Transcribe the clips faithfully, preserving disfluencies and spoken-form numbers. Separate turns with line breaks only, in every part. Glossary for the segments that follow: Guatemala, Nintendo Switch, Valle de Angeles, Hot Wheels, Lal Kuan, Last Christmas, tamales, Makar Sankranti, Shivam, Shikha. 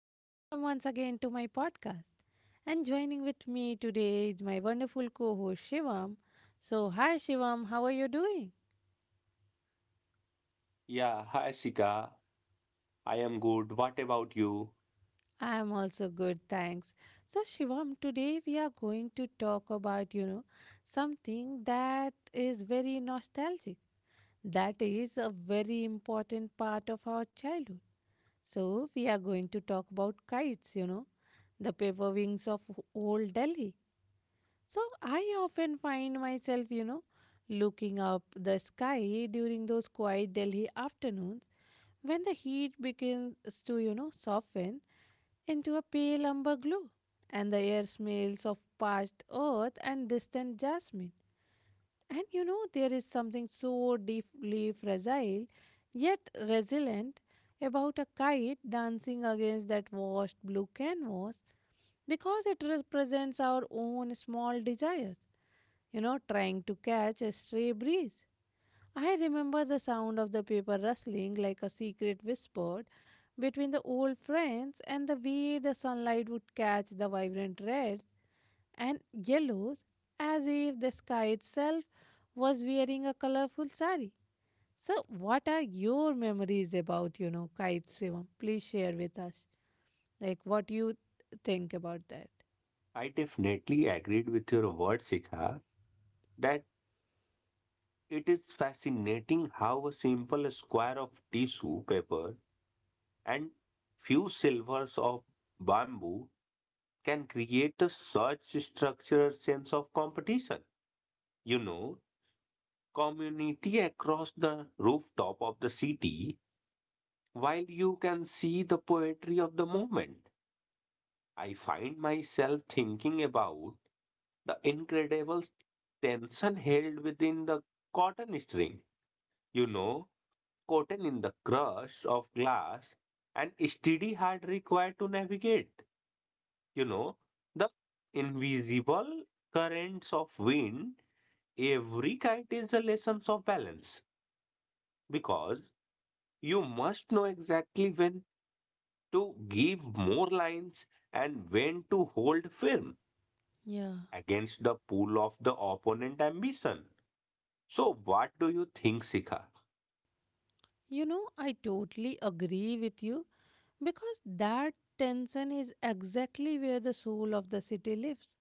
and welcome once again to my podcast. And joining with me today is my wonderful co host Shivam. So, hi Shivam, how are you doing?
Yeah, hi Sika. I am good. What about you?
I am also good, thanks. So, Shivam, today we are going to talk about, you know, something that is very nostalgic. That is a very important part of our childhood. So, we are going to talk about kites, you know, the paper wings of old Delhi. So I often find myself, you know, looking up the sky during those quiet Delhi afternoons when the heat begins to, you know, soften into a pale amber glow, and the air smells of parched earth and distant jasmine. And you know, there is something so deeply fragile yet resilient about a kite dancing against that washed blue canvas, because it represents our own small desires, you know, trying to catch a stray breeze. I remember the sound of the paper rustling like a secret whisper between the old friends, and the way the sunlight would catch the vibrant reds and yellows as if the sky itself was wearing a colorful sari. So, what are your memories about, you know, kites, Shivam? Please share with us. Like, what you think about that?
I definitely agreed with your word, Sika, that it is fascinating how a simple square of tissue paper and few silvers of bamboo can create a such structural sense of competition. You know, Community across the rooftop of the city while you can see the poetry of the moment. I find myself thinking about the incredible tension held within the cotton string. You know, Cotton in the crush of glass and steady heart required to navigate. You know, the invisible currents of wind. Every kite is a lesson of balance because you must know exactly when to give more lines and when to hold firm
Yeah.
against the pool of the opponent ambition. So, what do you think, Sika?
You know, I totally agree with you because that tension is exactly where the soul of the city lives.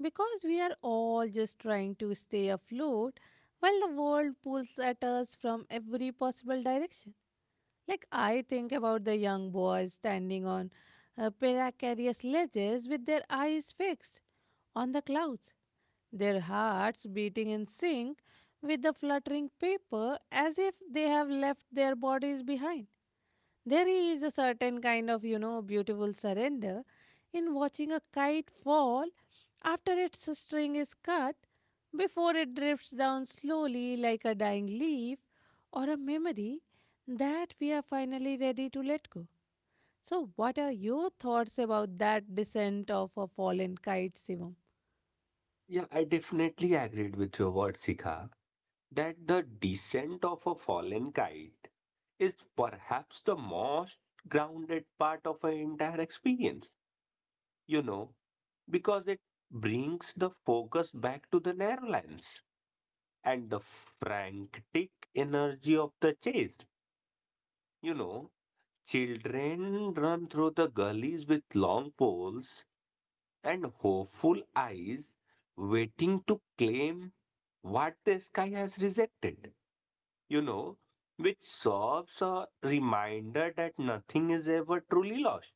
Because we are all just trying to stay afloat while the world pulls at us from every possible direction. Like, I think about the young boys standing on uh, precarious ledges with their eyes fixed on the clouds, their hearts beating in sync with the fluttering paper as if they have left their bodies behind. There is a certain kind of, you know, beautiful surrender in watching a kite fall after its string is cut, before it drifts down slowly like a dying leaf or a memory that we are finally ready to let go. So, what are your thoughts about that descent of a fallen kite, Shivam?
Yeah, I definitely agreed with your word, Sika, that the descent of a fallen kite is perhaps the most grounded part of an entire experience, you know, because it brings the focus back to the narrow lines and the frantic energy of the chase. You know, Children run through the gullies with long poles and hopeful eyes waiting to claim what the sky has rejected, you know, which serves a reminder that nothing is ever truly lost.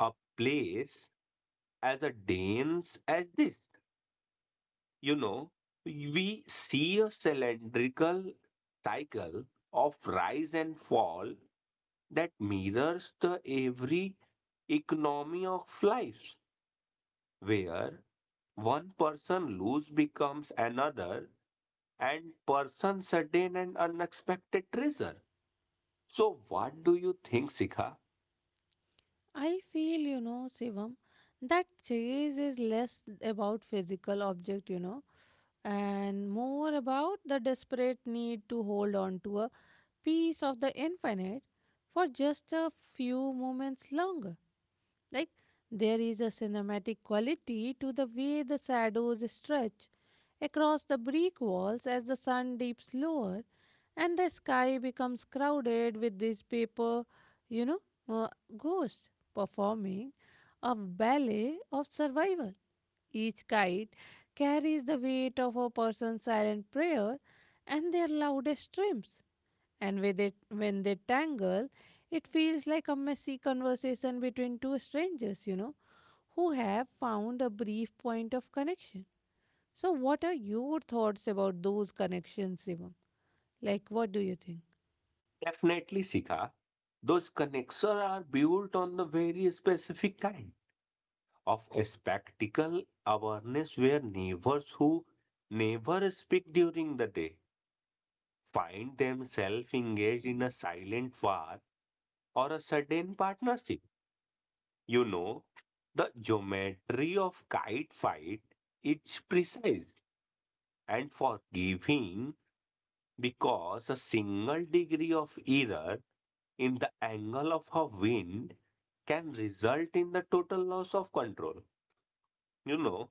A place as a dense as this, you know, we see a cylindrical cycle of rise and fall that mirrors the every economy of life, where one person lose becomes another, and person sudden and unexpected treasure. So what do you think, Sikha?
I feel, you know, Shivam, that chase is less about physical object, you know, and more about the desperate need to hold on to a piece of the infinite for just a few moments longer. Like there is a cinematic quality to the way the shadows stretch across the brick walls as the sun dips lower, and the sky becomes crowded with these paper, you know, uh, ghosts performing a ballet of survival. Each kite carries the weight of a person's silent prayer and their loudest dreams. And with it, when they tangle, it feels like a messy conversation between two strangers, you know, who have found a brief point of connection. So, what are your thoughts about those connections, Shivam? Like, what do you think?
Definitely, Sikha. Those connections are built on the very specific kind of a spectacle awareness where neighbors who never speak during the day find themselves engaged in a silent war or a sudden partnership. You know, the geometry of kite fight is precise and forgiving because a single degree of error in the angle of a wind can result in the total loss of control. You know,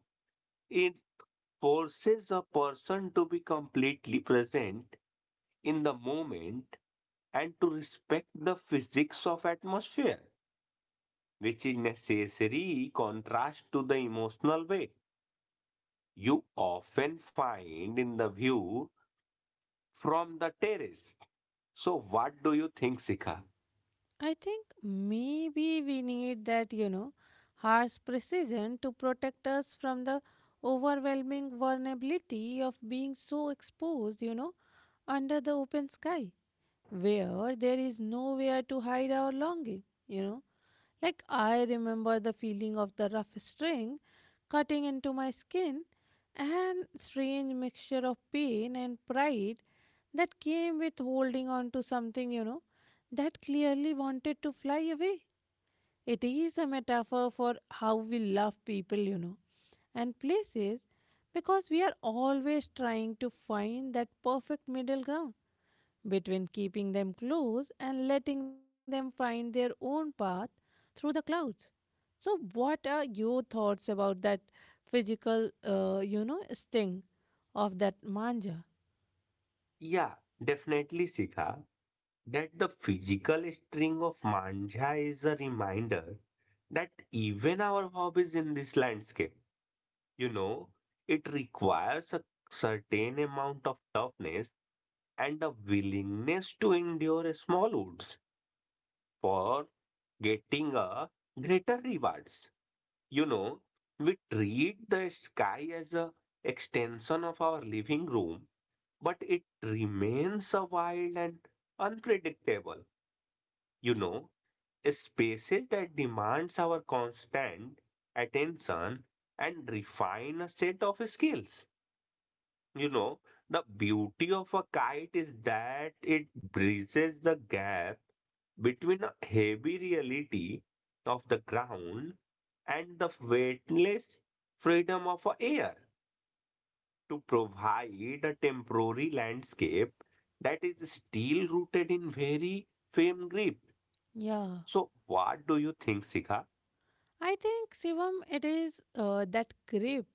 it forces a person to be completely present in the moment and to respect the physics of atmosphere, which is necessary contrast to the emotional way you often find in the view from the terrace. So, what do you think, Sika?
I think maybe we need that, you know, harsh precision to protect us from the overwhelming vulnerability of being so exposed, you know, under the open sky, where there is nowhere to hide our longing, you know. Like, I remember the feeling of the rough string cutting into my skin, and strange mixture of pain and pride that came with holding on to something, you know, that clearly wanted to fly away. It is a metaphor for how we love people, you know, and places, because we are always trying to find that perfect middle ground between keeping them close and letting them find their own path through the clouds. So, what are your thoughts about that physical, uh, you know, sting of that manja?
Yeah, definitely, Sika, that the physical string of Manja is a reminder that even our hobbies in this landscape, you know, it requires a certain amount of toughness and a willingness to endure small woods for getting a greater rewards. You know, we treat the sky as a extension of our living room, but it remains a wild and unpredictable. You know, Spaces that demands our constant attention and refine a set of skills. You know, the beauty of a kite is that it bridges the gap between a heavy reality of the ground and the weightless freedom of a air to provide a temporary landscape that is still rooted in very firm grip.
Yeah,
So, what do you think, Sika?
I think Shivam, it is uh, that grip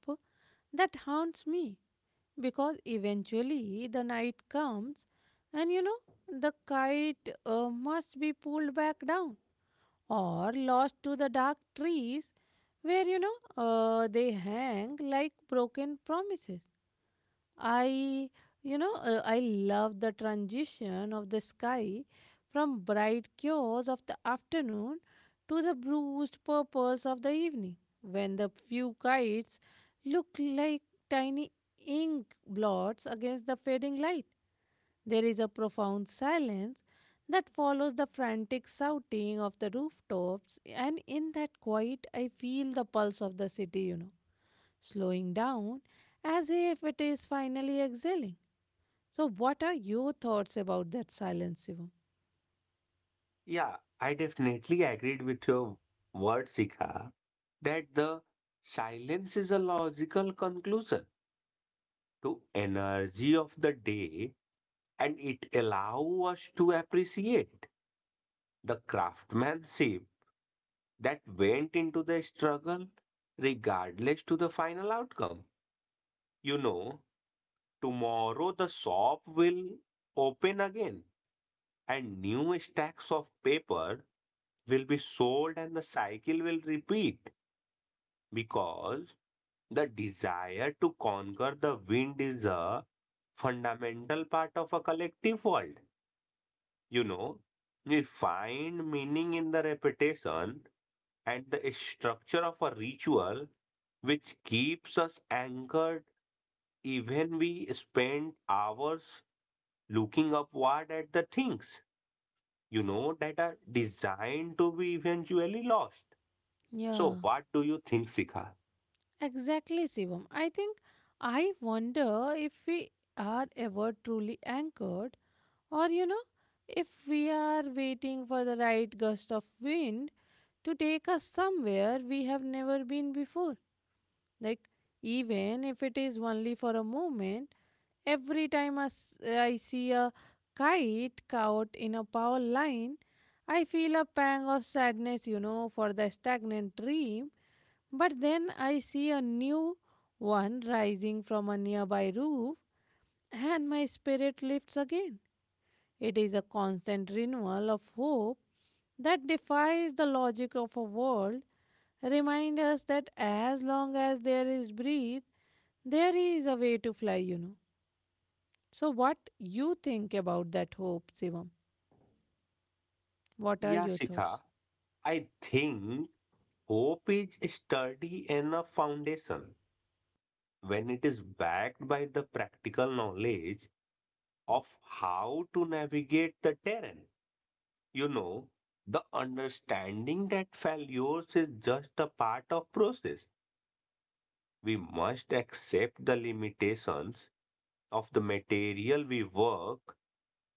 that haunts me, because eventually the night comes, and you know, the kite uh, must be pulled back down or lost to the dark trees where you know uh, they hang like broken promises. I, you know, uh, I love the transition of the sky from bright cures of the afternoon to the bruised purples of the evening, when the few kites look like tiny ink blots against the fading light. There is a profound silence that follows the frantic shouting of the rooftops, and in that quiet, I feel the pulse of the city, you know, slowing down as if it is finally exhaling. So, what are your thoughts about that silence, Shivam?
Yeah, I definitely agreed with your word, Sika, that the silence is a logical conclusion to energy of the day, and it allows us to appreciate the craftsmanship that went into the struggle regardless to the final outcome. you know Tomorrow the shop will open again, and new stacks of paper will be sold and the cycle will repeat because the desire to conquer the wind is a fundamental part of a collective world. You know, we find meaning in the repetition and the structure of a ritual which keeps us anchored even we spend hours looking upward at the things, you know, that are designed to be eventually lost. So
Yeah,
what do you think, Sikha?
exactly, Shivam. I think I wonder if we are ever truly anchored, or you know, if we are waiting for the right gust of wind to take us somewhere we have never been before. Like, even if it is only for a moment. Every time I, s- I see a kite caught in a power line, I feel a pang of sadness, you know, for the stagnant dream. But then I see a new one rising from a nearby roof, and my spirit lifts again. It is a constant renewal of hope that defies the logic of a world, remind us that as long as there is breath, there is a way to fly, you know. So, what you think about that hope, Shivam? What are
Yeah,
your thoughts?
Sikha, I think hope is a sturdy enough foundation when it is backed by the practical knowledge of how to navigate the terrain. You know, the understanding that failures is just a part of process. We must accept the limitations of the material we work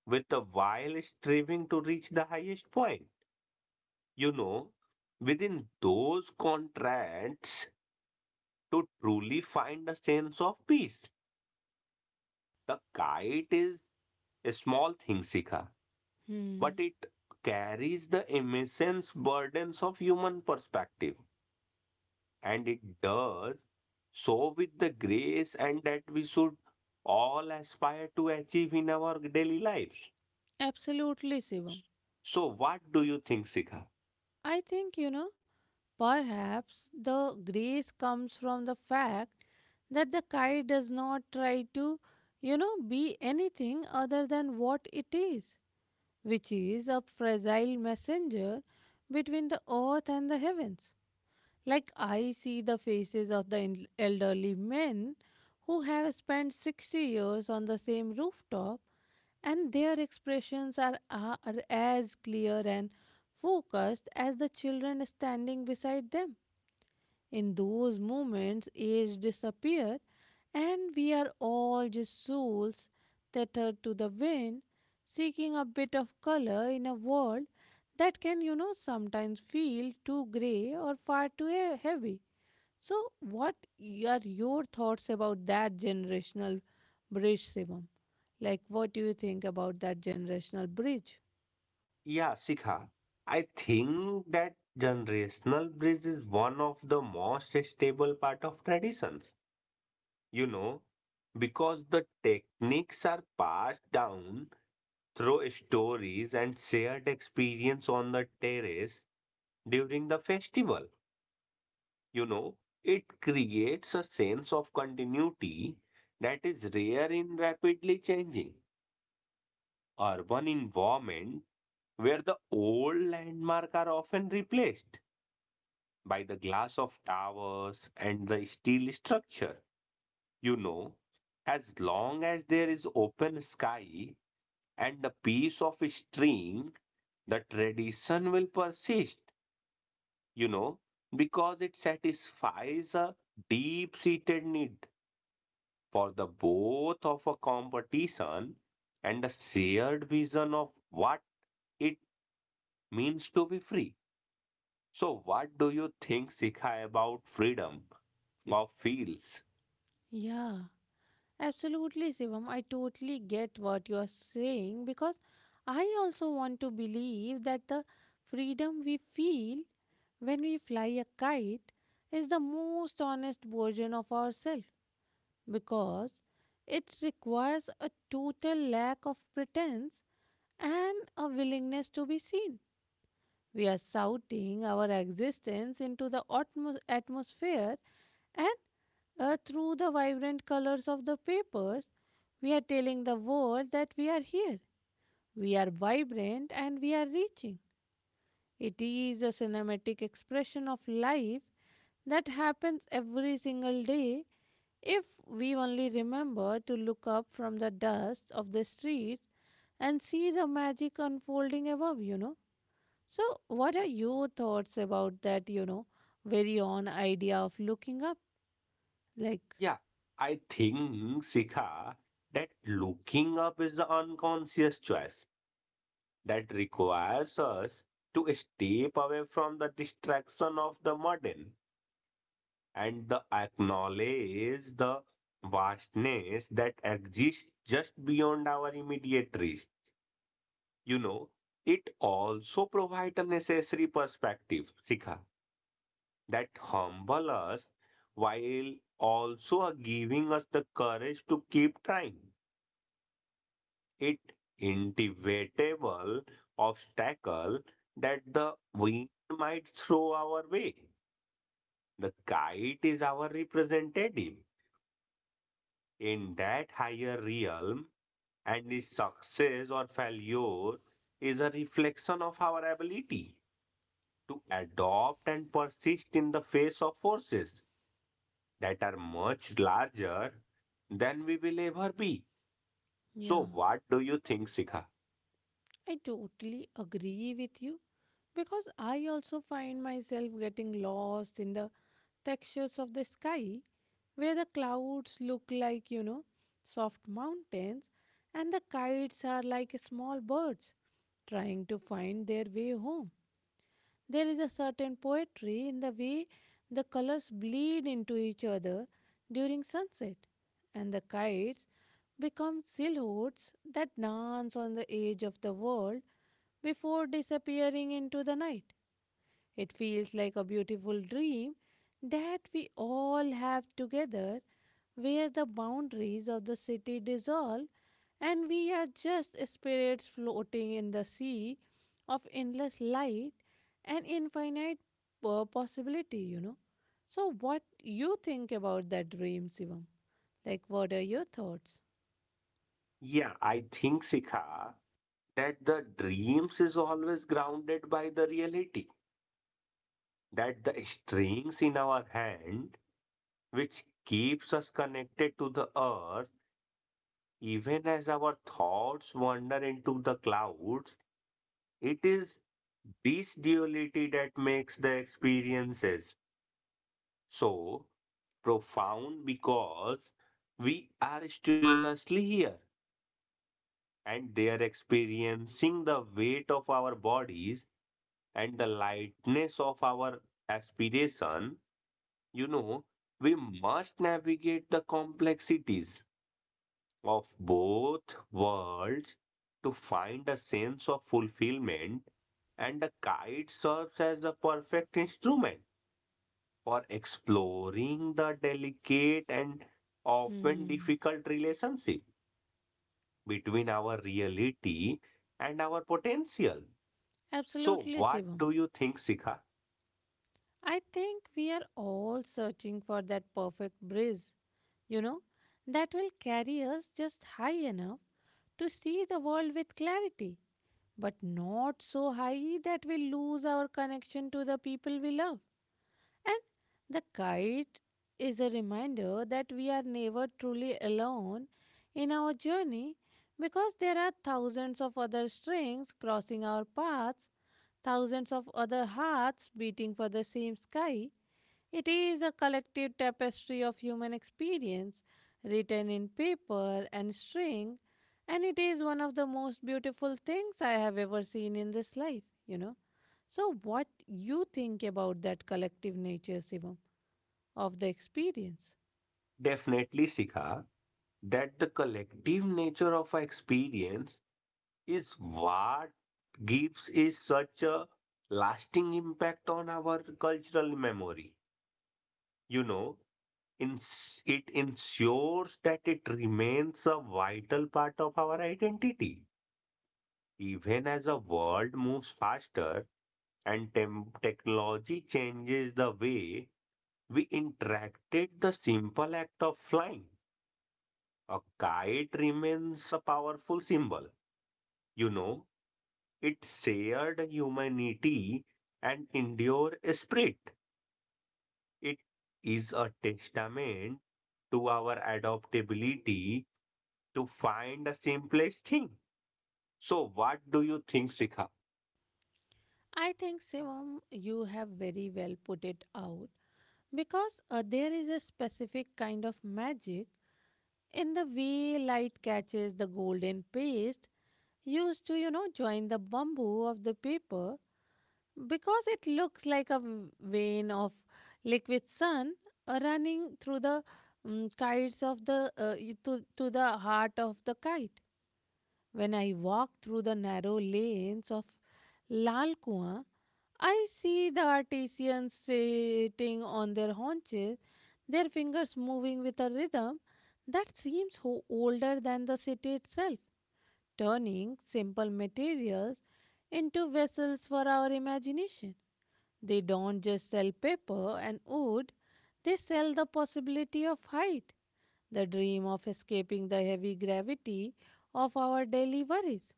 with the while striving to reach the highest point. You know, Within those contracts to truly find a sense of peace. The kite is a small thing, Sika, but
Hmm,
it carries the immense burdens of human perspective, and it does so with the grace and that we should all aspire to achieve in our daily lives.
absolutely, Shivam.
So, what do you think, Sikha?
I think you know perhaps the grace comes from the fact that the kite does not try to, you know, be anything other than what it is, which is a fragile messenger between the earth and the heavens. Like, I see the faces of the en- elderly men who have spent sixty years on the same rooftop, and their expressions are, are as clear and focused as the children standing beside them. In those moments, age disappears, and we are all just souls tethered to the wind, seeking a bit of color in a world that can, you know, sometimes feel too gray or far too he- heavy. So, what y- are your thoughts about that generational bridge, Shivam? Like, what do you think about that generational bridge?
Yeah, Sikha, I think that generational bridge is one of the most stable part of traditions. You know, because the techniques are passed down through stories and shared experience on the terrace during the festival. You know, it creates a sense of continuity that is rare in rapidly changing urban environment where the old landmark are often replaced by the glass of towers and the steel structure. You know, as long as there is open sky and a piece of string, the tradition will persist, you know, because it satisfies a deep seated need for the both of a competition and a shared vision of what it means to be free. So, what do you think, Sikha, about freedom of fields?
Yeah, absolutely, Shivam. I totally get what you are saying, because I also want to believe that the freedom we feel when we fly a kite is the most honest version of ourselves, because it requires a total lack of pretense and a willingness to be seen. We are shouting our existence into the atmos- atmosphere, and uh, through the vibrant colors of the papers, we are telling the world that we are here. We are vibrant and we are reaching. It is a cinematic expression of life that happens every single day if we only remember to look up from the dust of the streets and see the magic unfolding above, you know. So, what are your thoughts about that, you know, very on idea of looking up? Like,
Yeah, I think, Sikha, that looking up is the unconscious choice that requires us to step away from the distraction of the modern and the acknowledge the vastness that exists just beyond our immediate reach. You know, it also provides a necessary perspective, Sikha, that humble us while also giving us the courage to keep trying. It inevitable obstacle that the wind might throw our way. The kite is our representative in that higher realm, and the success or failure is a reflection of our ability to adopt and persist in the face of forces that are much larger than we will ever be.
yeah,
So, what do you think, Sikha?
I totally agree with you because I also find myself getting lost in the textures of the sky where the clouds look like, you know, soft mountains, and the kites are like small birds trying to find their way home. There is a certain poetry in the way the colors bleed into each other during sunset, and the kites become silhouettes that dance on the edge of the world before disappearing into the night. It feels like a beautiful dream that we all have together, where the boundaries of the city dissolve and we are just spirits floating in the sea of endless light and infinite uh, possibility, you know. So, what you think about that dream, Shivam? Like, what are your thoughts?
Yeah, I think, Sikha, that the dreams is always grounded by the reality, that the strings in our hand which keeps us connected to the earth. Even as our thoughts wander into the clouds, it is this duality that makes the experiences so profound because we are stimulously here and they are experiencing the weight of our bodies and the lightness of our aspiration. You know, we must navigate the complexities of both worlds to find a sense of fulfillment, and the kite serves as a perfect instrument for exploring the delicate and often
Hmm.
difficult relationship between our reality and our potential. So,
Absolutely,
what
Shivam.
do you think, Sikha?
I think we are all searching for that perfect breeze, you know, that will carry us just high enough to see the world with clarity, but not so high that we lose our connection to the people we love. And the kite is a reminder that we are never truly alone in our journey, because there are thousands of other strings crossing our paths, thousands of other hearts beating for the same sky. It is a collective tapestry of human experience written in paper and string, and it is one of the most beautiful things I have ever seen in this life, you know. So what you think about that collective nature, Sivam, of the experience?
Definitely, Sikha, that the collective nature of our experience is what gives is such a lasting impact on our cultural memory. You know, ins- it ensures that it remains a vital part of our identity. Even as the world moves faster and tem- technology changes the way we interacted, the simple act of flying, a kite remains a powerful symbol. You know, It shared humanity and endure spirit. It is a testament to our adaptability to find the simplest thing. So, what do you think, Sikha?
I think, Sivam, you have very well put it out, because uh, there is a specific kind of magic in the way light catches the golden paste used to, you know, join the bamboo of the paper, because it looks like a v- vein of liquid sun uh, running through the um, kites of the uh, y- to, to the heart of the kite. When I walk through the narrow lanes of Lal Kuan, I see the artisans sitting on their haunches, their fingers moving with a rhythm that seems ho- older than the city itself, turning simple materials into vessels for our imagination. They don't just sell paper and wood, they sell the possibility of height, the dream of escaping the heavy gravity of our daily worries.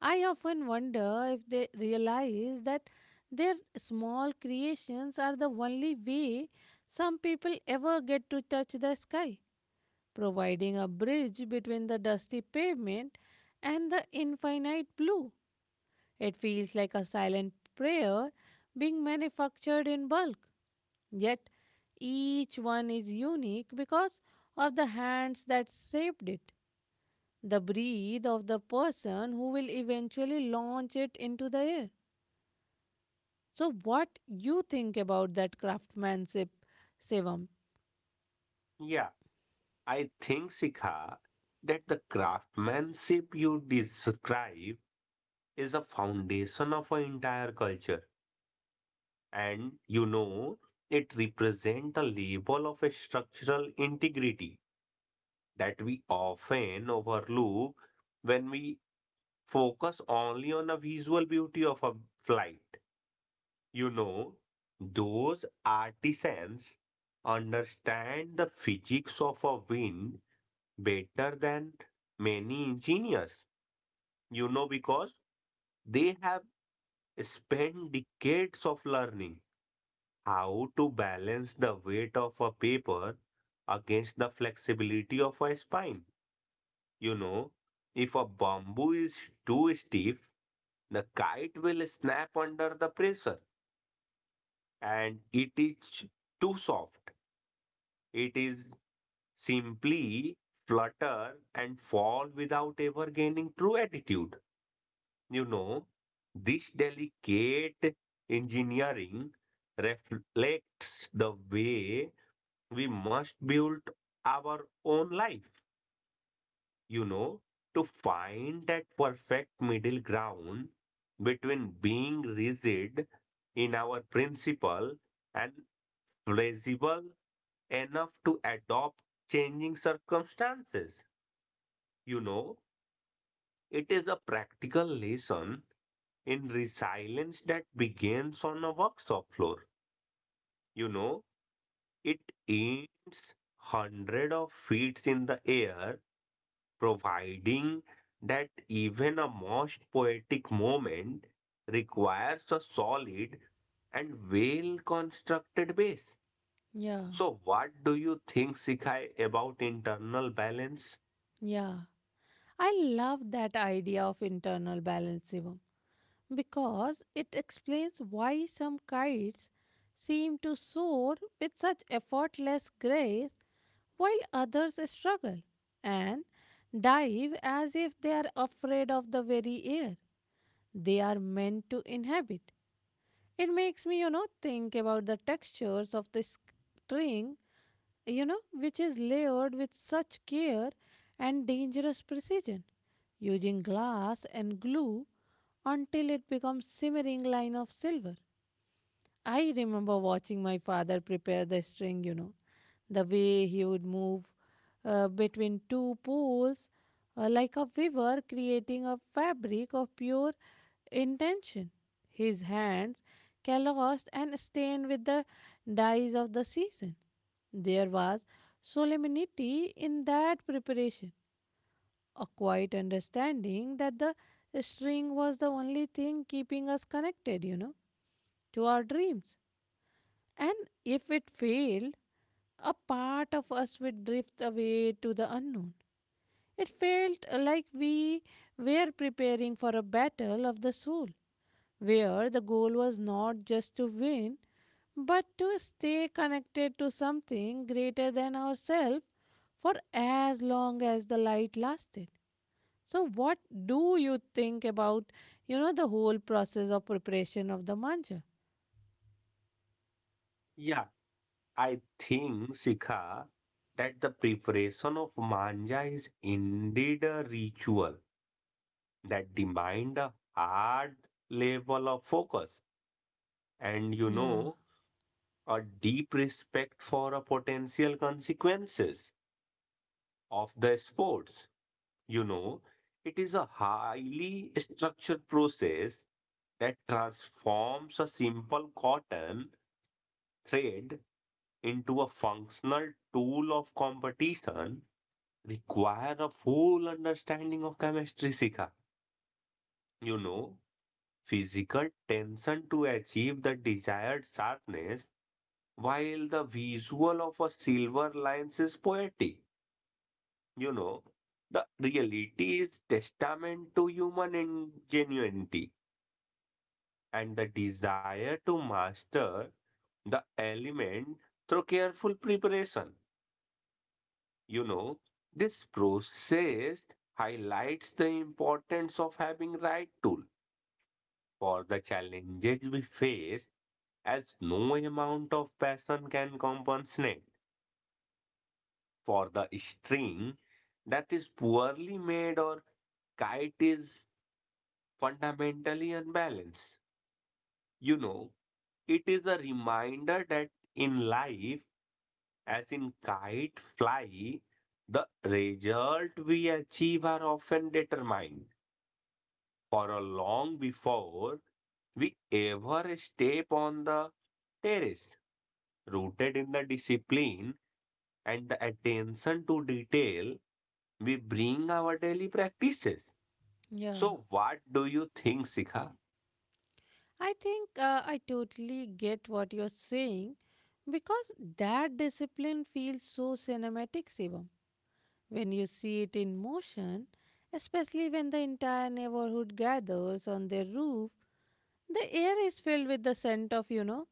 I often wonder if they realize that their small creations are the only way some people ever get to touch the sky, providing a bridge between the dusty pavement and the infinite blue. It feels like a silent prayer being manufactured in bulk, yet each one is unique because of the hands that shaped it, the breath of the person who will eventually launch it into the air. So, what you think about that craftsmanship, Shivam?
Yeah, I think, Sikha, that the craftsmanship you describe is a foundation of an entire culture. And you know, it represents a level of a structural integrity that we often overlook when we focus only on the visual beauty of a flight. You know, those artisans understand the physics of a wind better than many engineers. You know, because they have spent decades of learning how to balance the weight of a paper against the flexibility of a spine. You know, if a bamboo is too stiff, the kite will snap under the pressure, and it is too soft. It is simply flutter and fall without ever gaining true attitude. You know, this delicate engineering reflects the way we must build our own life. you know, to find that perfect middle ground between being rigid in our principle and flexible enough to adopt changing circumstances. You know, it is a practical lesson in resilience that begins on a workshop floor. You know, it ends hundred of feet in the air providing that even a most poetic moment requires a solid and well constructed base.
Yeah,
So, what do you think, Sikha, about internal balance?
yeah. I love that idea of internal balance, Shivam, because it explains why some kites seem to soar with such effortless grace while others struggle and dive as if they are afraid of the very air they are meant to inhabit. It makes me, you know, think about the textures of the string, you know, which is layered with such care and dangerous precision, using glass and glue until it becomes simmering line of silver. I remember watching my father prepare the string, you know, the way he would move uh, between two poles uh, like a weaver creating a fabric of pure intention. His hands calloused and stained with the dyes of the season. There was solemnity in that preparation, a quiet understanding that the string was the only thing keeping us connected, you know, to our dreams. And if it failed, a part of us would drift away to the unknown. It felt like we were preparing for a battle of the soul, where the goal was not just to win, but to stay connected to something greater than ourselves for as long as the light lasted. So, what do you think about, you know, the whole process of preparation of the mantra?
Yeah, I think, Sikha, that the preparation of manja is indeed a ritual that demand a hard level of focus, and you
Yeah.
know a deep respect for a potential consequences of the sports. You know, it is a highly structured process that transforms a simple cotton thread into a functional tool of competition require a full understanding of chemistry, Sika. You know, Physical tension to achieve the desired sharpness, while the visual of a silver lines is poetic. You know, the reality is testament to human ingenuity and the desire to master the element through careful preparation. You know, this process highlights the importance of having right tool for the challenges we face as no amount of passion can compensate for the string that is poorly made or kite is fundamentally unbalanced. You know, it is a reminder that in life, as in kite fly, the result we achieve are often determined for a long before we ever step on the terrace. Rooted in the discipline and the attention to detail, we bring our daily practices.
Yeah.
So, what do you think, Sikha?
I think uh, I totally get what you're saying because that discipline feels so cinematic, Shivam, when you see it in motion, especially when the entire neighborhood gathers on their roof. The air is filled with the scent of, you know,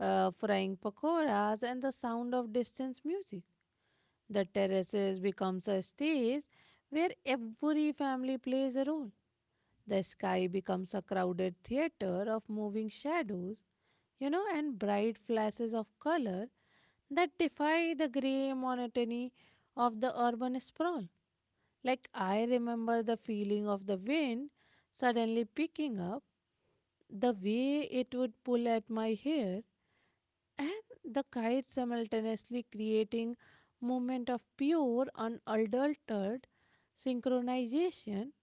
uh, frying pakoras and the sound of distant music. The terraces becomes a stage where every family plays a role. The sky becomes a crowded theater of moving shadows, you know, and bright flashes of color that defy the gray monotony of the urban sprawl. Like I remember the feeling of the wind suddenly picking up, the way it would pull at my hair, and the kite simultaneously creating moment of pure, unadulterated synchronization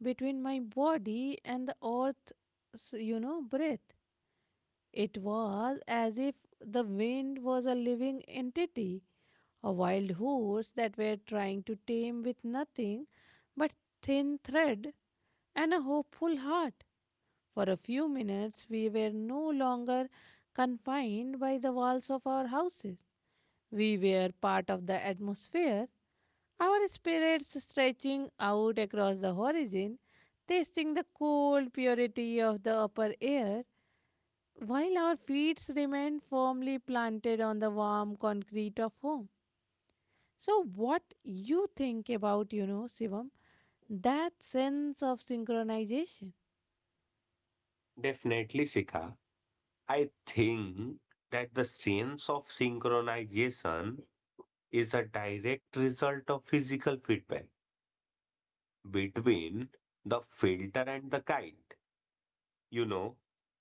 between my body and the earth's, you know, breath. It was as if the wind was a living entity, a wild horse that were trying to tame with nothing but thin thread and a hopeful heart. For a few minutes, we were no longer confined by the walls of our houses. We were part of the atmosphere, our spirits stretching out across the horizon, tasting the cold purity of the upper air while our feet remain firmly planted on the warm concrete of home. So, what you think about, you know, Shivam, that sense of synchronization?
Definitely, Sikha. I think that the sense of synchronization is a direct result of physical feedback between the filter and the kite, you know,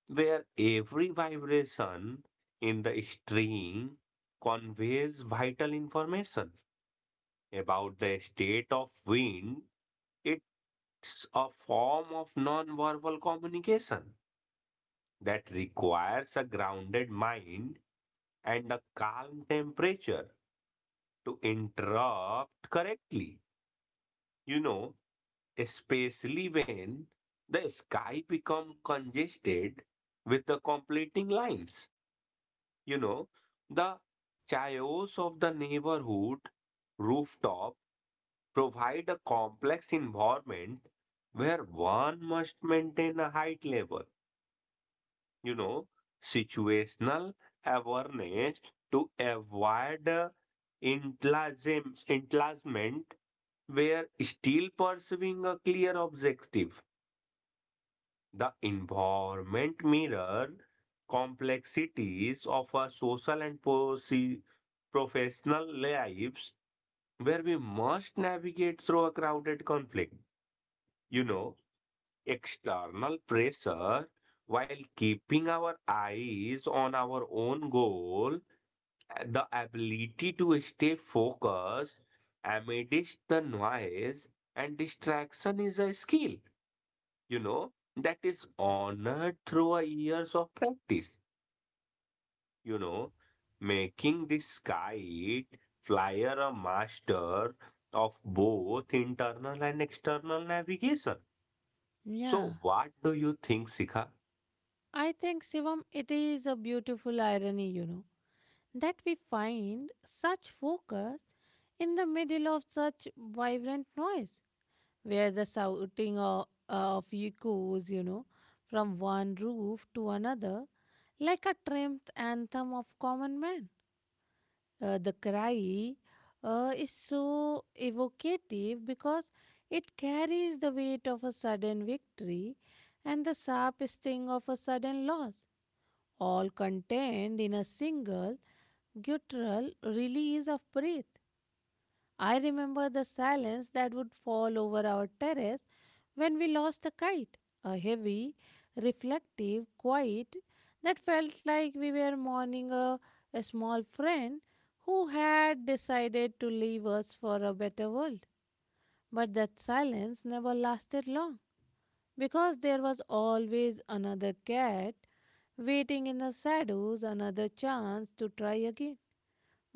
where every vibration in the string conveys vital information about the state of wind. It It's a form of nonverbal communication that requires a grounded mind and a calm temperature to interrupt correctly. You know, Especially when the sky become congested with the completing lines. You know, the chaos of the neighborhood rooftop provide a complex environment where one must maintain a height level you know, situational awareness to avoid entlasm- entlazement where still pursuing a clear objective. The environment mirror complexities of our social and proce- professional lives where we must navigate through a crowded conflict. You know, External pressure while keeping our eyes on our own goal, the ability to stay focused amidst the noise and distraction is a skill, you know, that is honored through a years of practice, you know, making this kite flyer a master of both internal and external navigation. So,
Yeah.
what do you think, Sika?
I think, Shivam, it is a beautiful irony, you know, that we find such focus in the middle of such vibrant noise, where the shouting of, of echoes, you know, from one roof to another, like a triumph anthem of common man. Uh, the cry uh, is so evocative because it carries the weight of a sudden victory and the sharp sting of a sudden loss, all contained in a single guttural release of breath. I remember the silence that would fall over our terrace when we lost the kite, a heavy, reflective quiet that felt like we were mourning a, a small friend who had decided to leave us for a better world. But that silence never lasted long because there was always another cat waiting in the shadows, another chance to try again,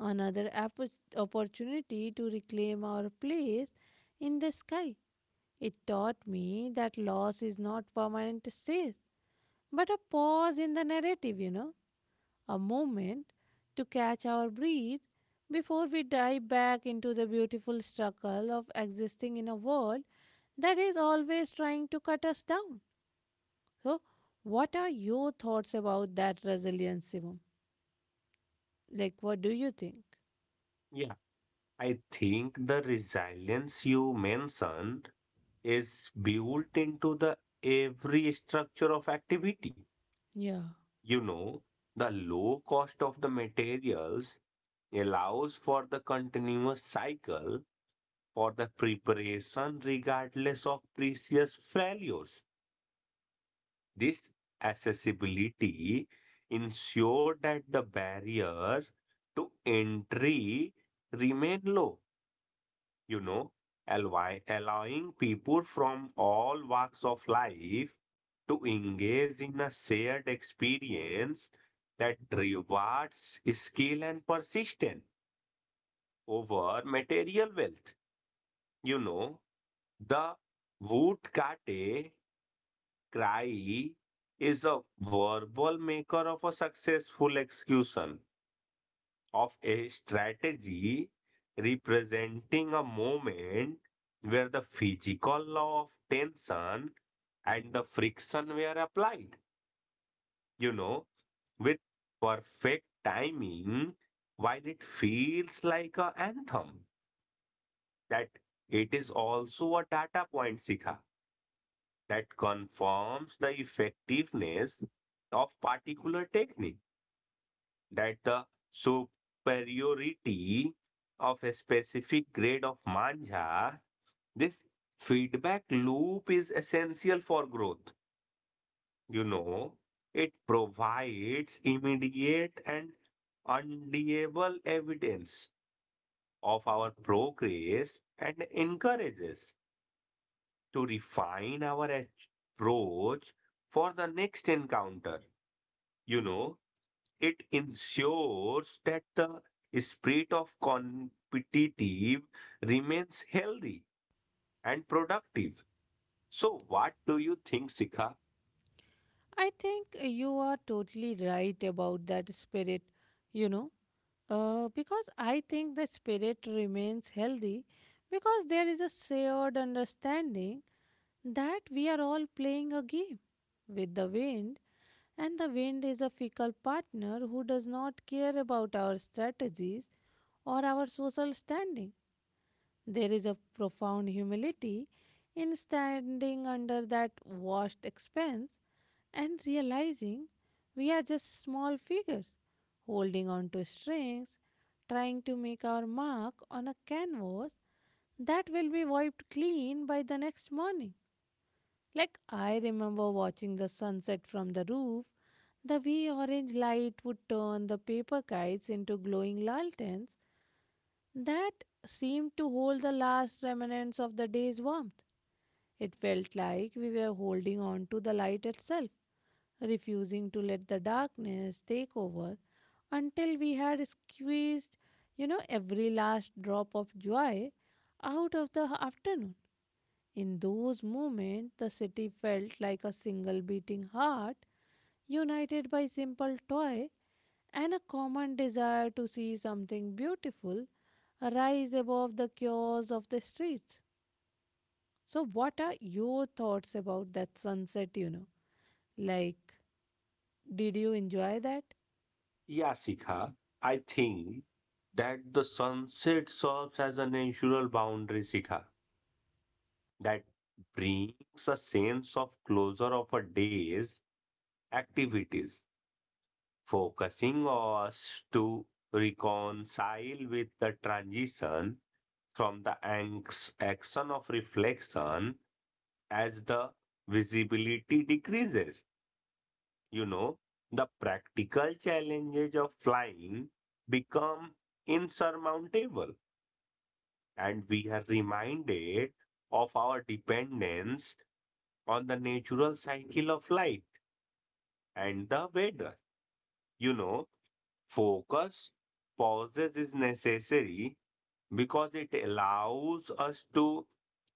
another appo- opportunity to reclaim our place in the sky. It taught me that loss is not permanent state, but a pause in the narrative, you know, a moment to catch our breath before we dive back into the beautiful struggle of existing in a world that is always trying to cut us down. So, what are your thoughts about that resilience, Shivam? Like, what do you think?
Yeah. I think the resilience you mentioned is built into the every structure of activity.
Yeah.
You know, the low cost of the materials allows for the continuous cycle for the preparation regardless of previous failures. This accessibility ensure that the barriers to entry remain low, you know, alloy- allowing people from all walks of life to engage in a shared experience that rewards skill and persistence over material wealth. You know, the woodcarte cry is a verbal maker of a successful execution of a strategy representing a moment where the physical law of tension and the friction were applied, you know, with perfect timing, while it feels like an anthem, that it is also a data point, Sikha, that confirms the effectiveness of particular technique that the superiority of a specific grade of manja. This feedback loop is essential for growth. You know, it provides immediate and undeniable evidence of our progress and encourages to refine our approach for the next encounter. You know, It ensures that the spirit of competitive remains healthy and productive. So, what do you think, Sikha?
I think you are totally right about that spirit, you know, uh, because I think the spirit remains healthy because there is a shared understanding that we are all playing a game with the wind, and the wind is a fickle partner who does not care about our strategies or our social standing. There is a profound humility in standing under that vast expanse and realizing we are just small figures holding on to strings, trying to make our mark on a canvas that will be wiped clean by the next morning. Like I remember watching the sunset from the roof, the way orange light would turn the paper kites into glowing lanterns that seemed to hold the last remnants of the day's warmth. It felt like we were holding on to the light itself, refusing to let the darkness take over until we had squeezed, you know, every last drop of joy out of the afternoon. In those moments, the city felt like a single beating heart united by simple toy and a common desire to see something beautiful rise above the chaos of the streets. So, what are your thoughts about that sunset? You know, like, did you enjoy that?
Yeah, Sikha, I think that the sunset serves as a natural boundary, Sikha, that brings a sense of closure of a day's activities, focusing us to reconcile with the transition from the anx- action of reflection as the visibility decreases. you know the practical challenges of flying become insurmountable and we are reminded of our dependence on the natural cycle of light and the weather. You know, Focus pauses is necessary because it allows us to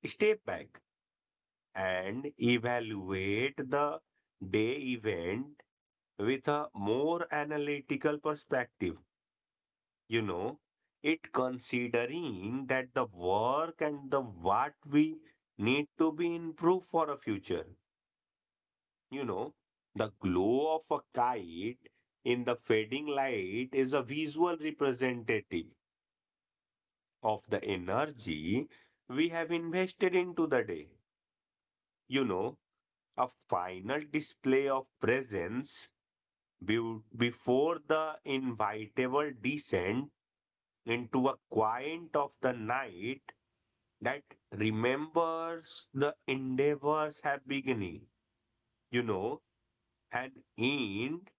step back and evaluate the day event with a more analytical perspective. You know, it considering that the work and the what we need to be improved for a future. You know, the glow of a kite in the fading light is a visual representative of the energy we have invested into the day. You know, a final display of presence Be- Before the inevitable descent into a quiet of the night that remembers the endeavors have beginning, you know, an end,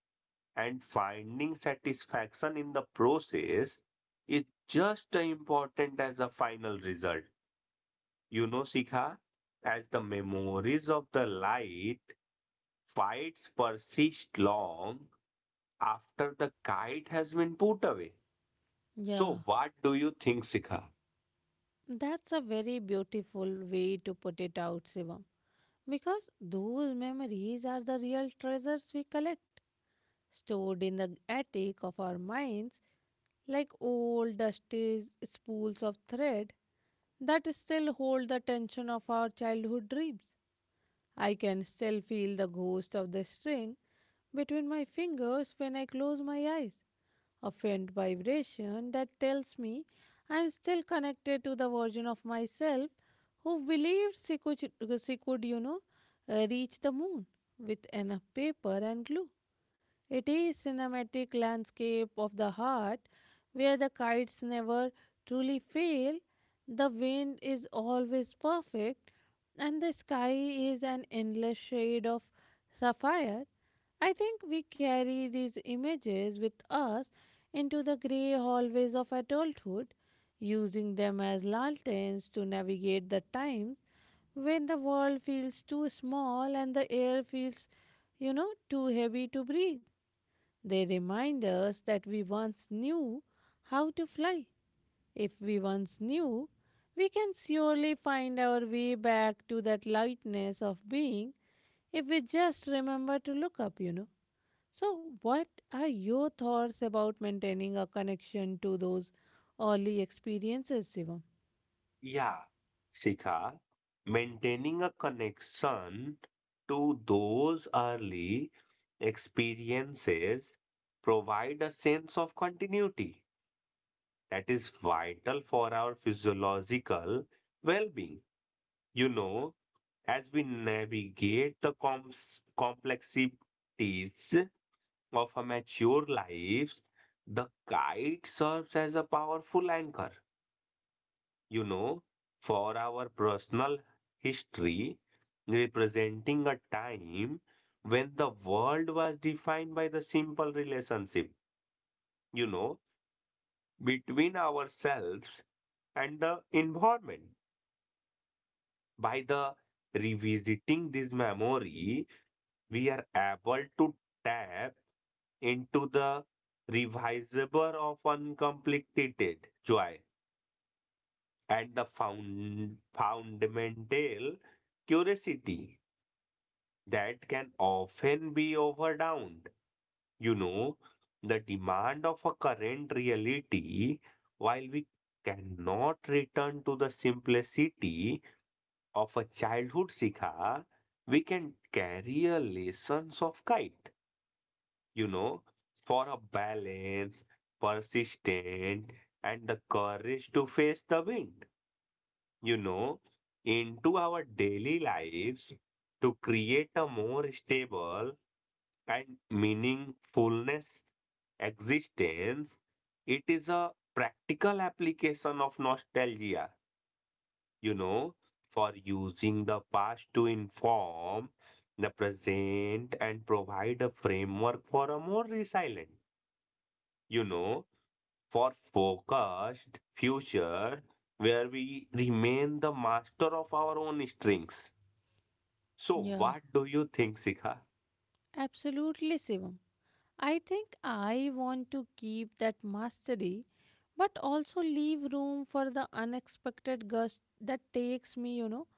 and finding satisfaction in the process is just as important as the final result. You know, Sikha, as the memories of the light fights persist long after the kite has been put away.
Yeah,
So, what do you think, Sikha?
that's a very beautiful way to put it out, Shivam. Because those memories are the real treasures we collect, stored in the attic of our minds like old dusty spools of thread that still hold the tension of our childhood dreams. I can still feel the ghost of the string between my fingers when I close my eyes, a faint vibration that tells me I am still connected to the version of myself who believed she could, she could you know, uh, reach the moon with enough paper and glue. It is cinematic landscape of the heart where the kites never truly fail, the wind is always perfect, and the sky is an endless shade of sapphire. I think we carry these images with us into the grey hallways of adulthood, using them as lanterns to navigate the times when the world feels too small and the air feels, you know, too heavy to breathe. They remind us that we once knew how to fly. If we once knew, we can surely find our way back to that lightness of being if we just remember to look up, you know. So, what are your thoughts about maintaining a connection to those early experiences, Shivam?
Yeah, Sikha, maintaining a connection to those early experiences provide a sense of continuity that is vital for our physiological well-being. You know, as we navigate the comps- complexities of a mature life, the kite serves as a powerful anchor You know, for our personal history, representing a time when the world was defined by the simple relationship, you know, between ourselves and the environment. By the revisiting this memory, we are able to tap into the revisaber of uncompleted joy and the found, fundamental curiosity that can often be overdowned. You know, the demand of a current reality, while we cannot return to the simplicity of a childhood Sikha, we can carry a lessons of kite, you know, for a balance, persistent, and the courage to face the wind, you know, into our daily lives to create a more stable and meaningfulness existence. It is a practical application of nostalgia you know for using the past to inform the present and provide a framework for a more resilient you know for focused future where we remain the master of our own strengths. So
Yeah.
what do you think, Sikha?
Absolutely, Sivam. I think I want to keep that mastery, but also leave room for the unexpected gust that takes me, you know,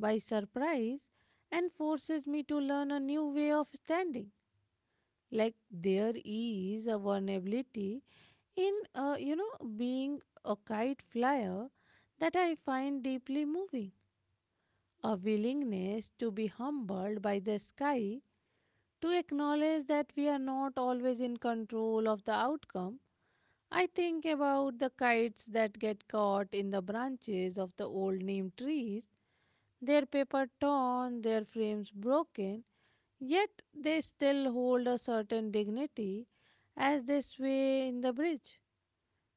by surprise and forces me to learn a new way of standing. Like there is a vulnerability in, uh, you know, being a kite flyer that I find deeply moving. A willingness to be humbled by the sky to acknowledge that we are not always in control of the outcome. I think about the kites that get caught in the branches of the old neem trees, their paper torn, their frames broken, yet they still hold a certain dignity as they sway in the bridge.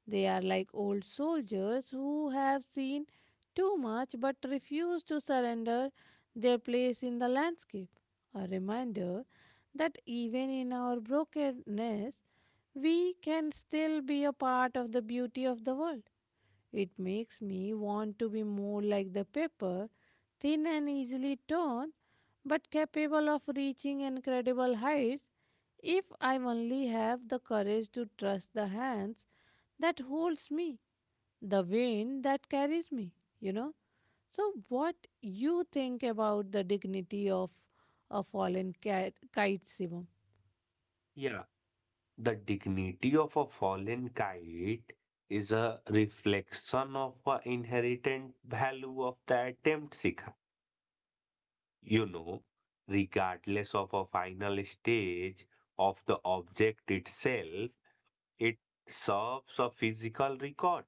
They are like old soldiers who have seen too much but refuse to surrender their place in the landscape. A reminder that even in our brokenness, we can still be a part of the beauty of the world. It makes me want to be more like the paper, thin and easily torn, but capable of reaching incredible heights if I only have the courage to trust the hands that holds me, the wind that carries me, you know. So, what you think about the dignity of a fallen cat, kite, Shivam?
Yeah. The dignity of a fallen kite is a reflection of a inherent value of the attempt, Sikha. You know, Regardless of a final stage of the object itself, it serves a physical record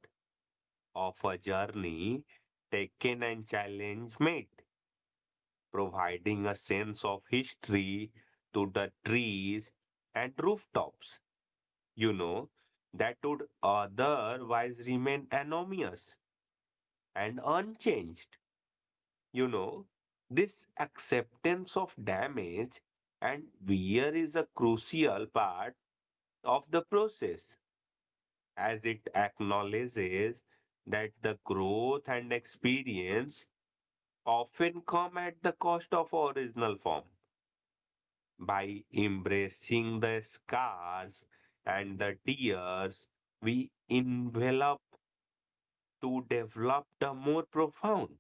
of a journey taken and challenge made, providing a sense of history to the trees and rooftops, you know, that would otherwise remain anonymous and unchanged. You know, this acceptance of damage and wear is a crucial part of the process as it acknowledges that the growth and experience often come at the cost of original form. By embracing the scars and the tears, we envelop to develop a more profound,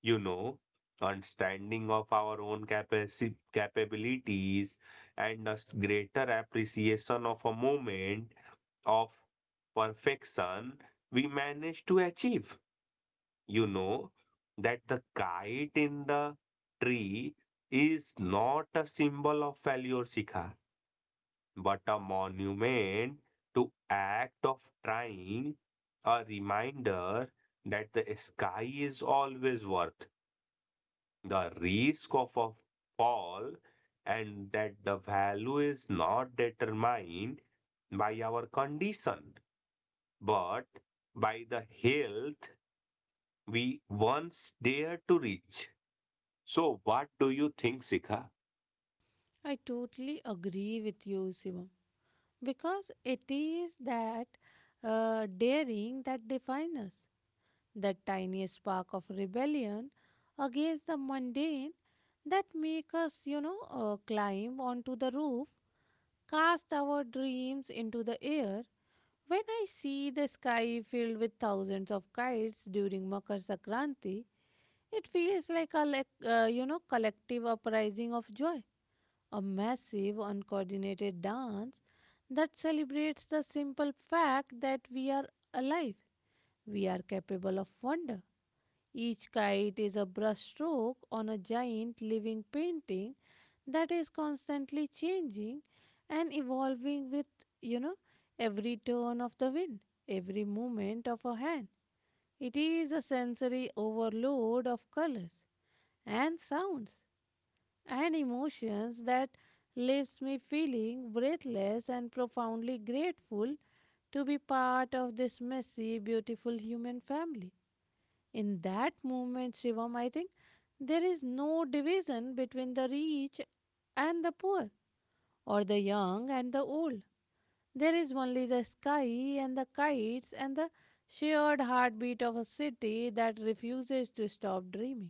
you know, understanding of our own capaci- capabilities and a s- greater appreciation of a moment of perfection we manage to achieve. You know, that the kite in the tree is not a symbol of failure, Shikha, but a monument to act of trying, a reminder that the sky is always worth the risk of a fall and that the value is not determined by our condition but by the health we once dared to reach. So, what do you think, Sikha?
I totally agree with you, Shivam, because it is that uh, daring that defines us, that tiny spark of rebellion against the mundane that make us, you know, uh, climb onto the roof, cast our dreams into the air. When I see the sky filled with thousands of kites during Makar Sankranti, it feels like a, lec- uh, you know, collective uprising of joy, a massive, uncoordinated dance that celebrates the simple fact that we are alive. We are capable of wonder. Each kite is a brushstroke on a giant living painting that is constantly changing and evolving with, you know, every turn of the wind, every movement of a hand. It is a sensory overload of colors and sounds and emotions that leaves me feeling breathless and profoundly grateful to be part of this messy, beautiful human family. In that moment, Shivam, I think there is no division between the rich and the poor, or the young and the old. There is only the sky and the kites and the shared heartbeat of a city that refuses to stop dreaming.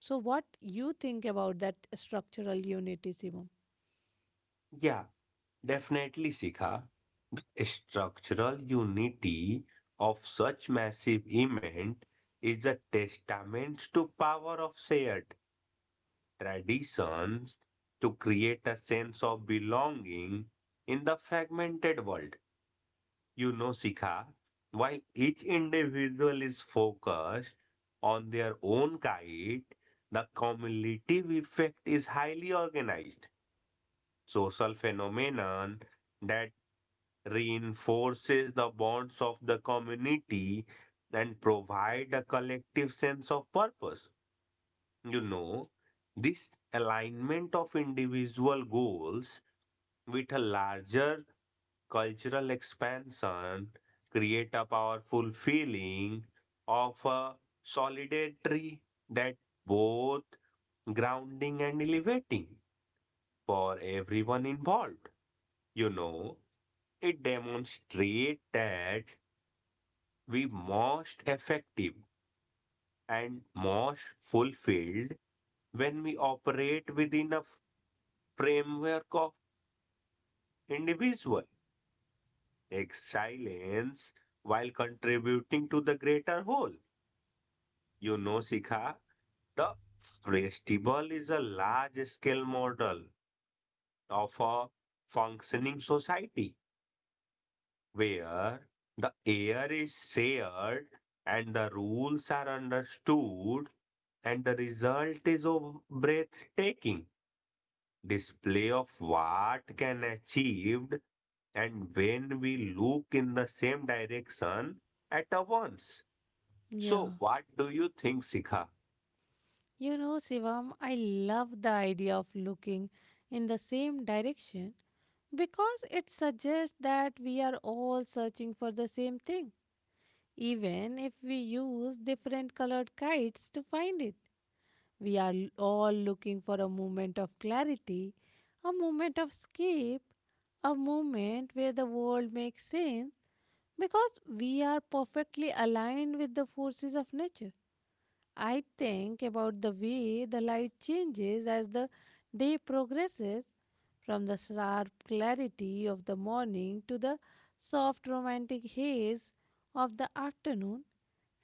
So, what you think about that structural unity, Shivam?
Yeah, definitely, Sikha. Structural unity of such massive event is a testament to power of shared traditions to create a sense of belonging in the fragmented world. You know, Sikha, while each individual is focused on their own kite, the cumulative effect is highly organized social phenomenon that reinforces the bonds of the community and provide a collective sense of purpose. You know, this alignment of individual goals with a larger cultural expansion create a powerful feeling of a solidarity that both grounding and elevating for everyone involved. You know, It demonstrates that we most effective and most fulfilled when we operate within a framework of individual excellence while contributing to the greater whole. You know, Sikha, the festival is a large scale model of a functioning society where the air is shared and the rules are understood, and the result is a breathtaking display of what can achieved and when we look in the same direction at a once.
Yeah.
So what do you think, Sikha?
You know, Shivam, I love the idea of looking in the same direction because it suggests that we are all searching for the same thing. Even if we use different colored kites to find it, we are l- all looking for a moment of clarity, a moment of escape, a moment where the world makes sense because we are perfectly aligned with the forces of nature. I think about the way the light changes as the day progresses from the sharp clarity of the morning to the soft romantic haze of the afternoon,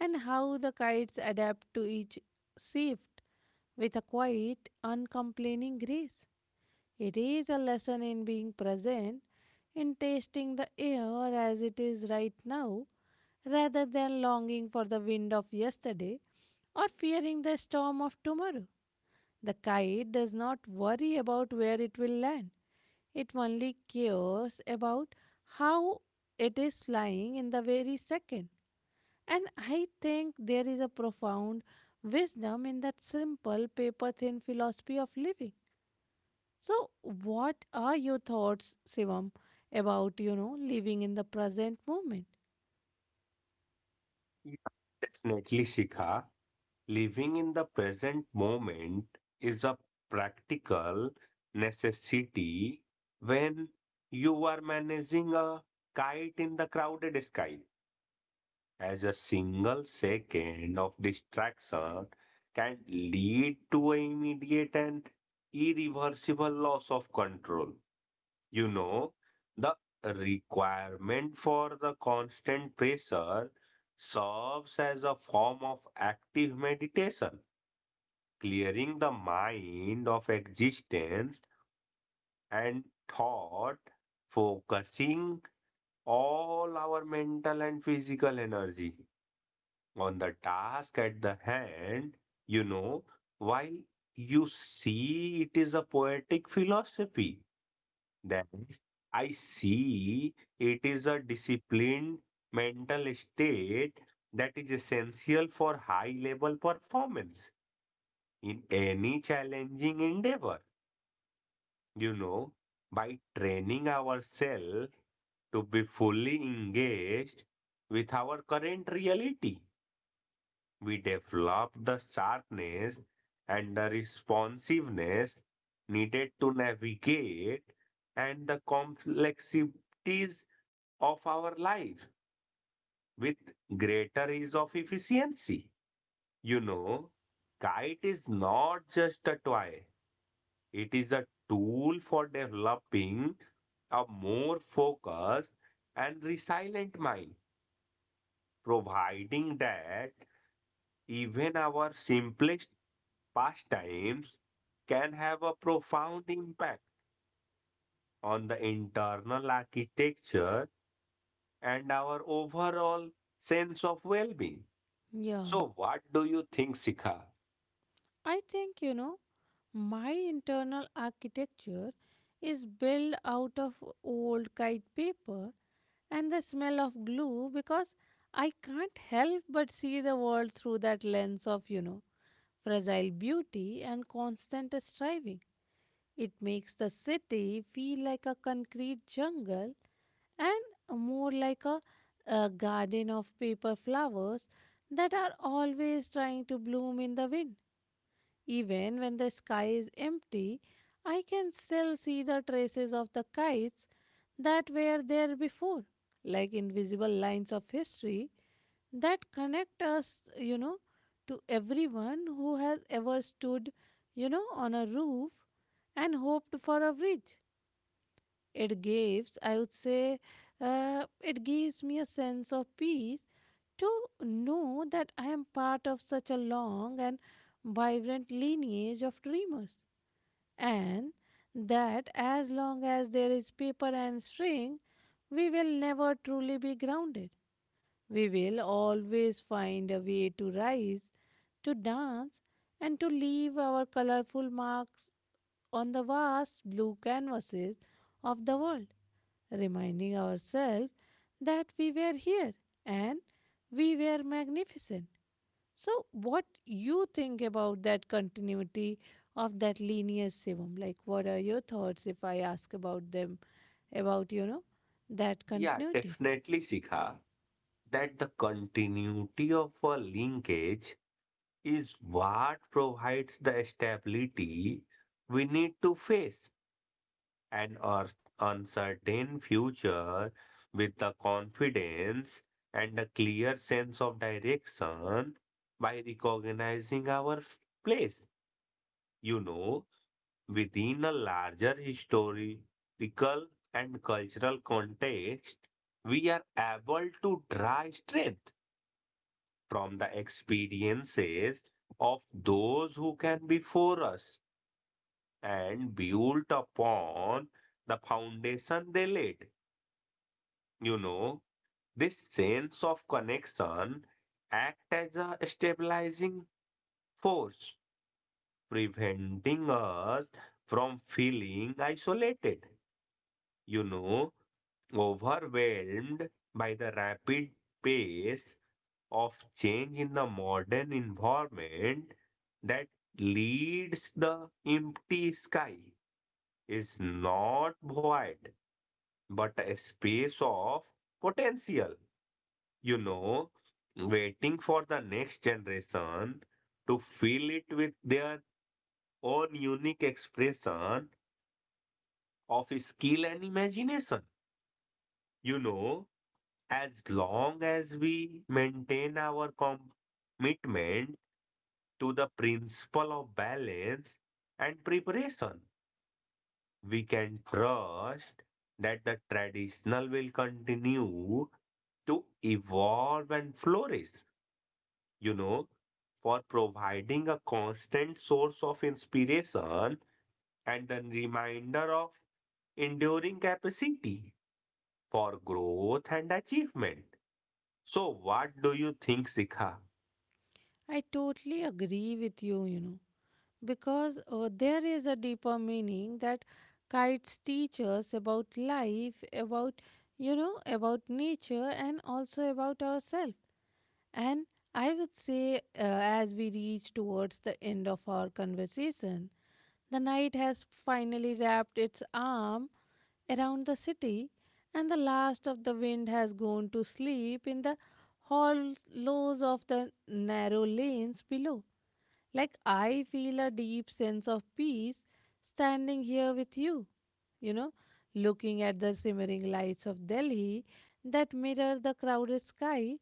and how the kites adapt to each shift with a quiet, uncomplaining grace. It is a lesson in being present, in tasting the air as it is right now, rather than longing for the wind of yesterday or fearing the storm of tomorrow. The kite does not worry about where it will land, it only cares about how it is flying in the very second. And I think there is a profound wisdom in that simple paper thin philosophy of living. So, what are your thoughts, Shivam, about, you know, living in the present moment?
Yeah, definitely, Sikha. Living in the present moment is a practical necessity when you are managing a kite in the crowded sky, as a single second of distraction can lead to an immediate and irreversible loss of control. You know, the requirement for the constant pressure serves as a form of active meditation clearing the mind of existence and thought, focusing all our mental and physical energy on the task at the hand, you know, while you see it is a poetic philosophy, then I see it is a disciplined mental state that is essential for high level performance in any challenging endeavor. You know, by training ourselves to be fully engaged with our current reality, we develop the sharpness and the responsiveness needed to navigate and the complexities of our life with greater ease of efficiency. You know, Kite is not just a toy. It is a tool for developing a more focused and resilient mind, providing that even our simplest pastimes can have a profound impact on the internal architecture and our overall sense of well being.
Yeah.
So, what do you think, Sikha?
I think, you know, my internal architecture is built out of old kite paper and the smell of glue because I can't help but see the world through that lens of, you know, fragile beauty and constant striving. It makes the city feel like a concrete jungle and more like a, a garden of paper flowers that are always trying to bloom in the wind. Even when the sky is empty, I can still see the traces of the kites that were there before, like invisible lines of history that connect us, you know, to everyone who has ever stood, you know, on a roof and hoped for a bridge. It gives, I would say, uh, it gives me a sense of peace to know that I am part of such a long and vibrant lineage of dreamers, and that as long as there is paper and string, we will never truly be grounded. We will always find a way to rise, to dance, and to leave our colorful marks on the vast blue canvases of the world, reminding ourselves that we were here and we were magnificent. So, what you think about that continuity of that linear Shivam? Like, what are your thoughts if I ask about them, about you know that
Yeah,
continuity?
definitely, Sikha, that the continuity of a linkage is what provides the stability we need to face an ur- uncertain future with the confidence and a clear sense of direction by recognizing our place. You know, Within a larger historical and cultural context, we are able to draw strength from the experiences of those who can before us and build upon the foundation they laid. You know, this sense of connection act as a stabilizing force, preventing us from feeling isolated, You know, overwhelmed by the rapid pace of change in the modern environment that leads. The empty sky is not void but a space of potential, you know waiting for the next generation to fill it with their own unique expression of skill and imagination. you know As long as we maintain our commitment to the principle of balance and preparation, we can trust that the traditional will continue to evolve and flourish, you know, for providing a constant source of inspiration and a reminder of enduring capacity for growth and achievement. So, what do you think, Sikha?
I totally agree with you, you know, because uh, there is a deeper meaning that kites teach us about life, about, you know, about nature, and also about ourselves. And I would say, uh, as we reach towards the end of our conversation, the night has finally wrapped its arm around the city, and the last of the wind has gone to sleep in the hollows of the narrow lanes below. Like, I feel a deep sense of peace standing here with you, you know, looking at the simmering lights of Delhi that mirror the crowded sky.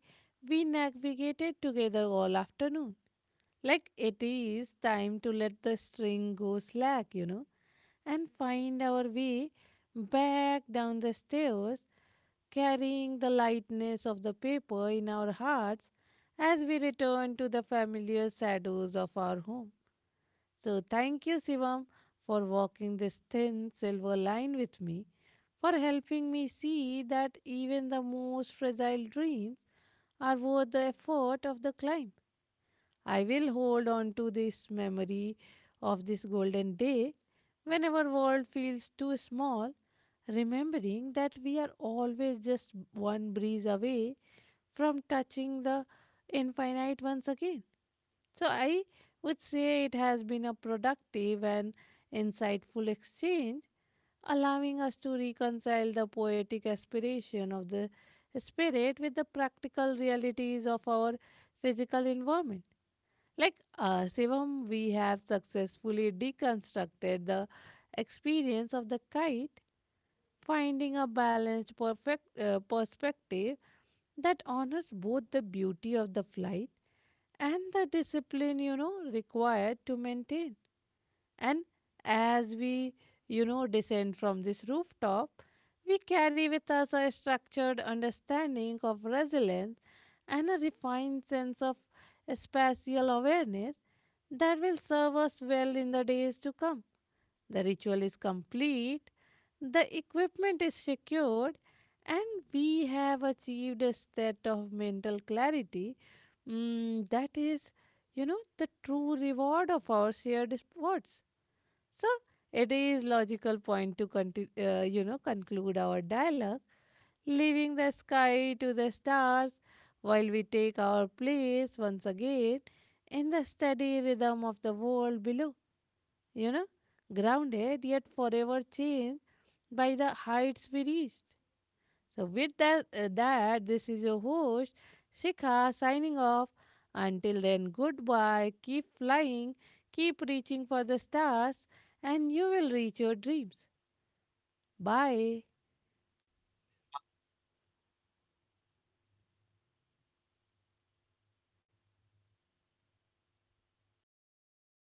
We navigated together all afternoon. Like, it is time to let the string go slack, you know, and find our way back down the stairs carrying the lightness of the paper in our hearts as we return to the familiar shadows of our home. So thank you, Shivam, for walking this thin silver line with me, for helping me see that even the most fragile dreams are worth the effort of the climb. I will hold on to this memory of this golden day whenever world feels too small, remembering that we are always just one breeze away from touching the infinite once again. So I would say it has been a productive and insightful exchange, allowing us to reconcile the poetic aspiration of the spirit with the practical realities of our physical environment. Like uh, Sivam, we have successfully deconstructed the experience of the kite, finding a balanced perfect, uh, perspective that honors both the beauty of the flight and the discipline you know required to maintain. And as we you know descend from this rooftop, we carry with us a structured understanding of resilience and a refined sense of spatial awareness that will serve us well in the days to come. The ritual is complete, the equipment is secured, and we have achieved a state of mental clarity. Mm, that is, you know, the true reward of our shared efforts. So it is logical point to conti- uh, you know conclude our dialogue, leaving the sky to the stars, while we take our place once again in the steady rhythm of the world below, you know, grounded yet forever changed by the heights we reached. So, with that, uh, that this is your host, Shikha, signing off. Until then, goodbye. Keep flying, keep reaching for the stars, and you will reach your dreams. Bye.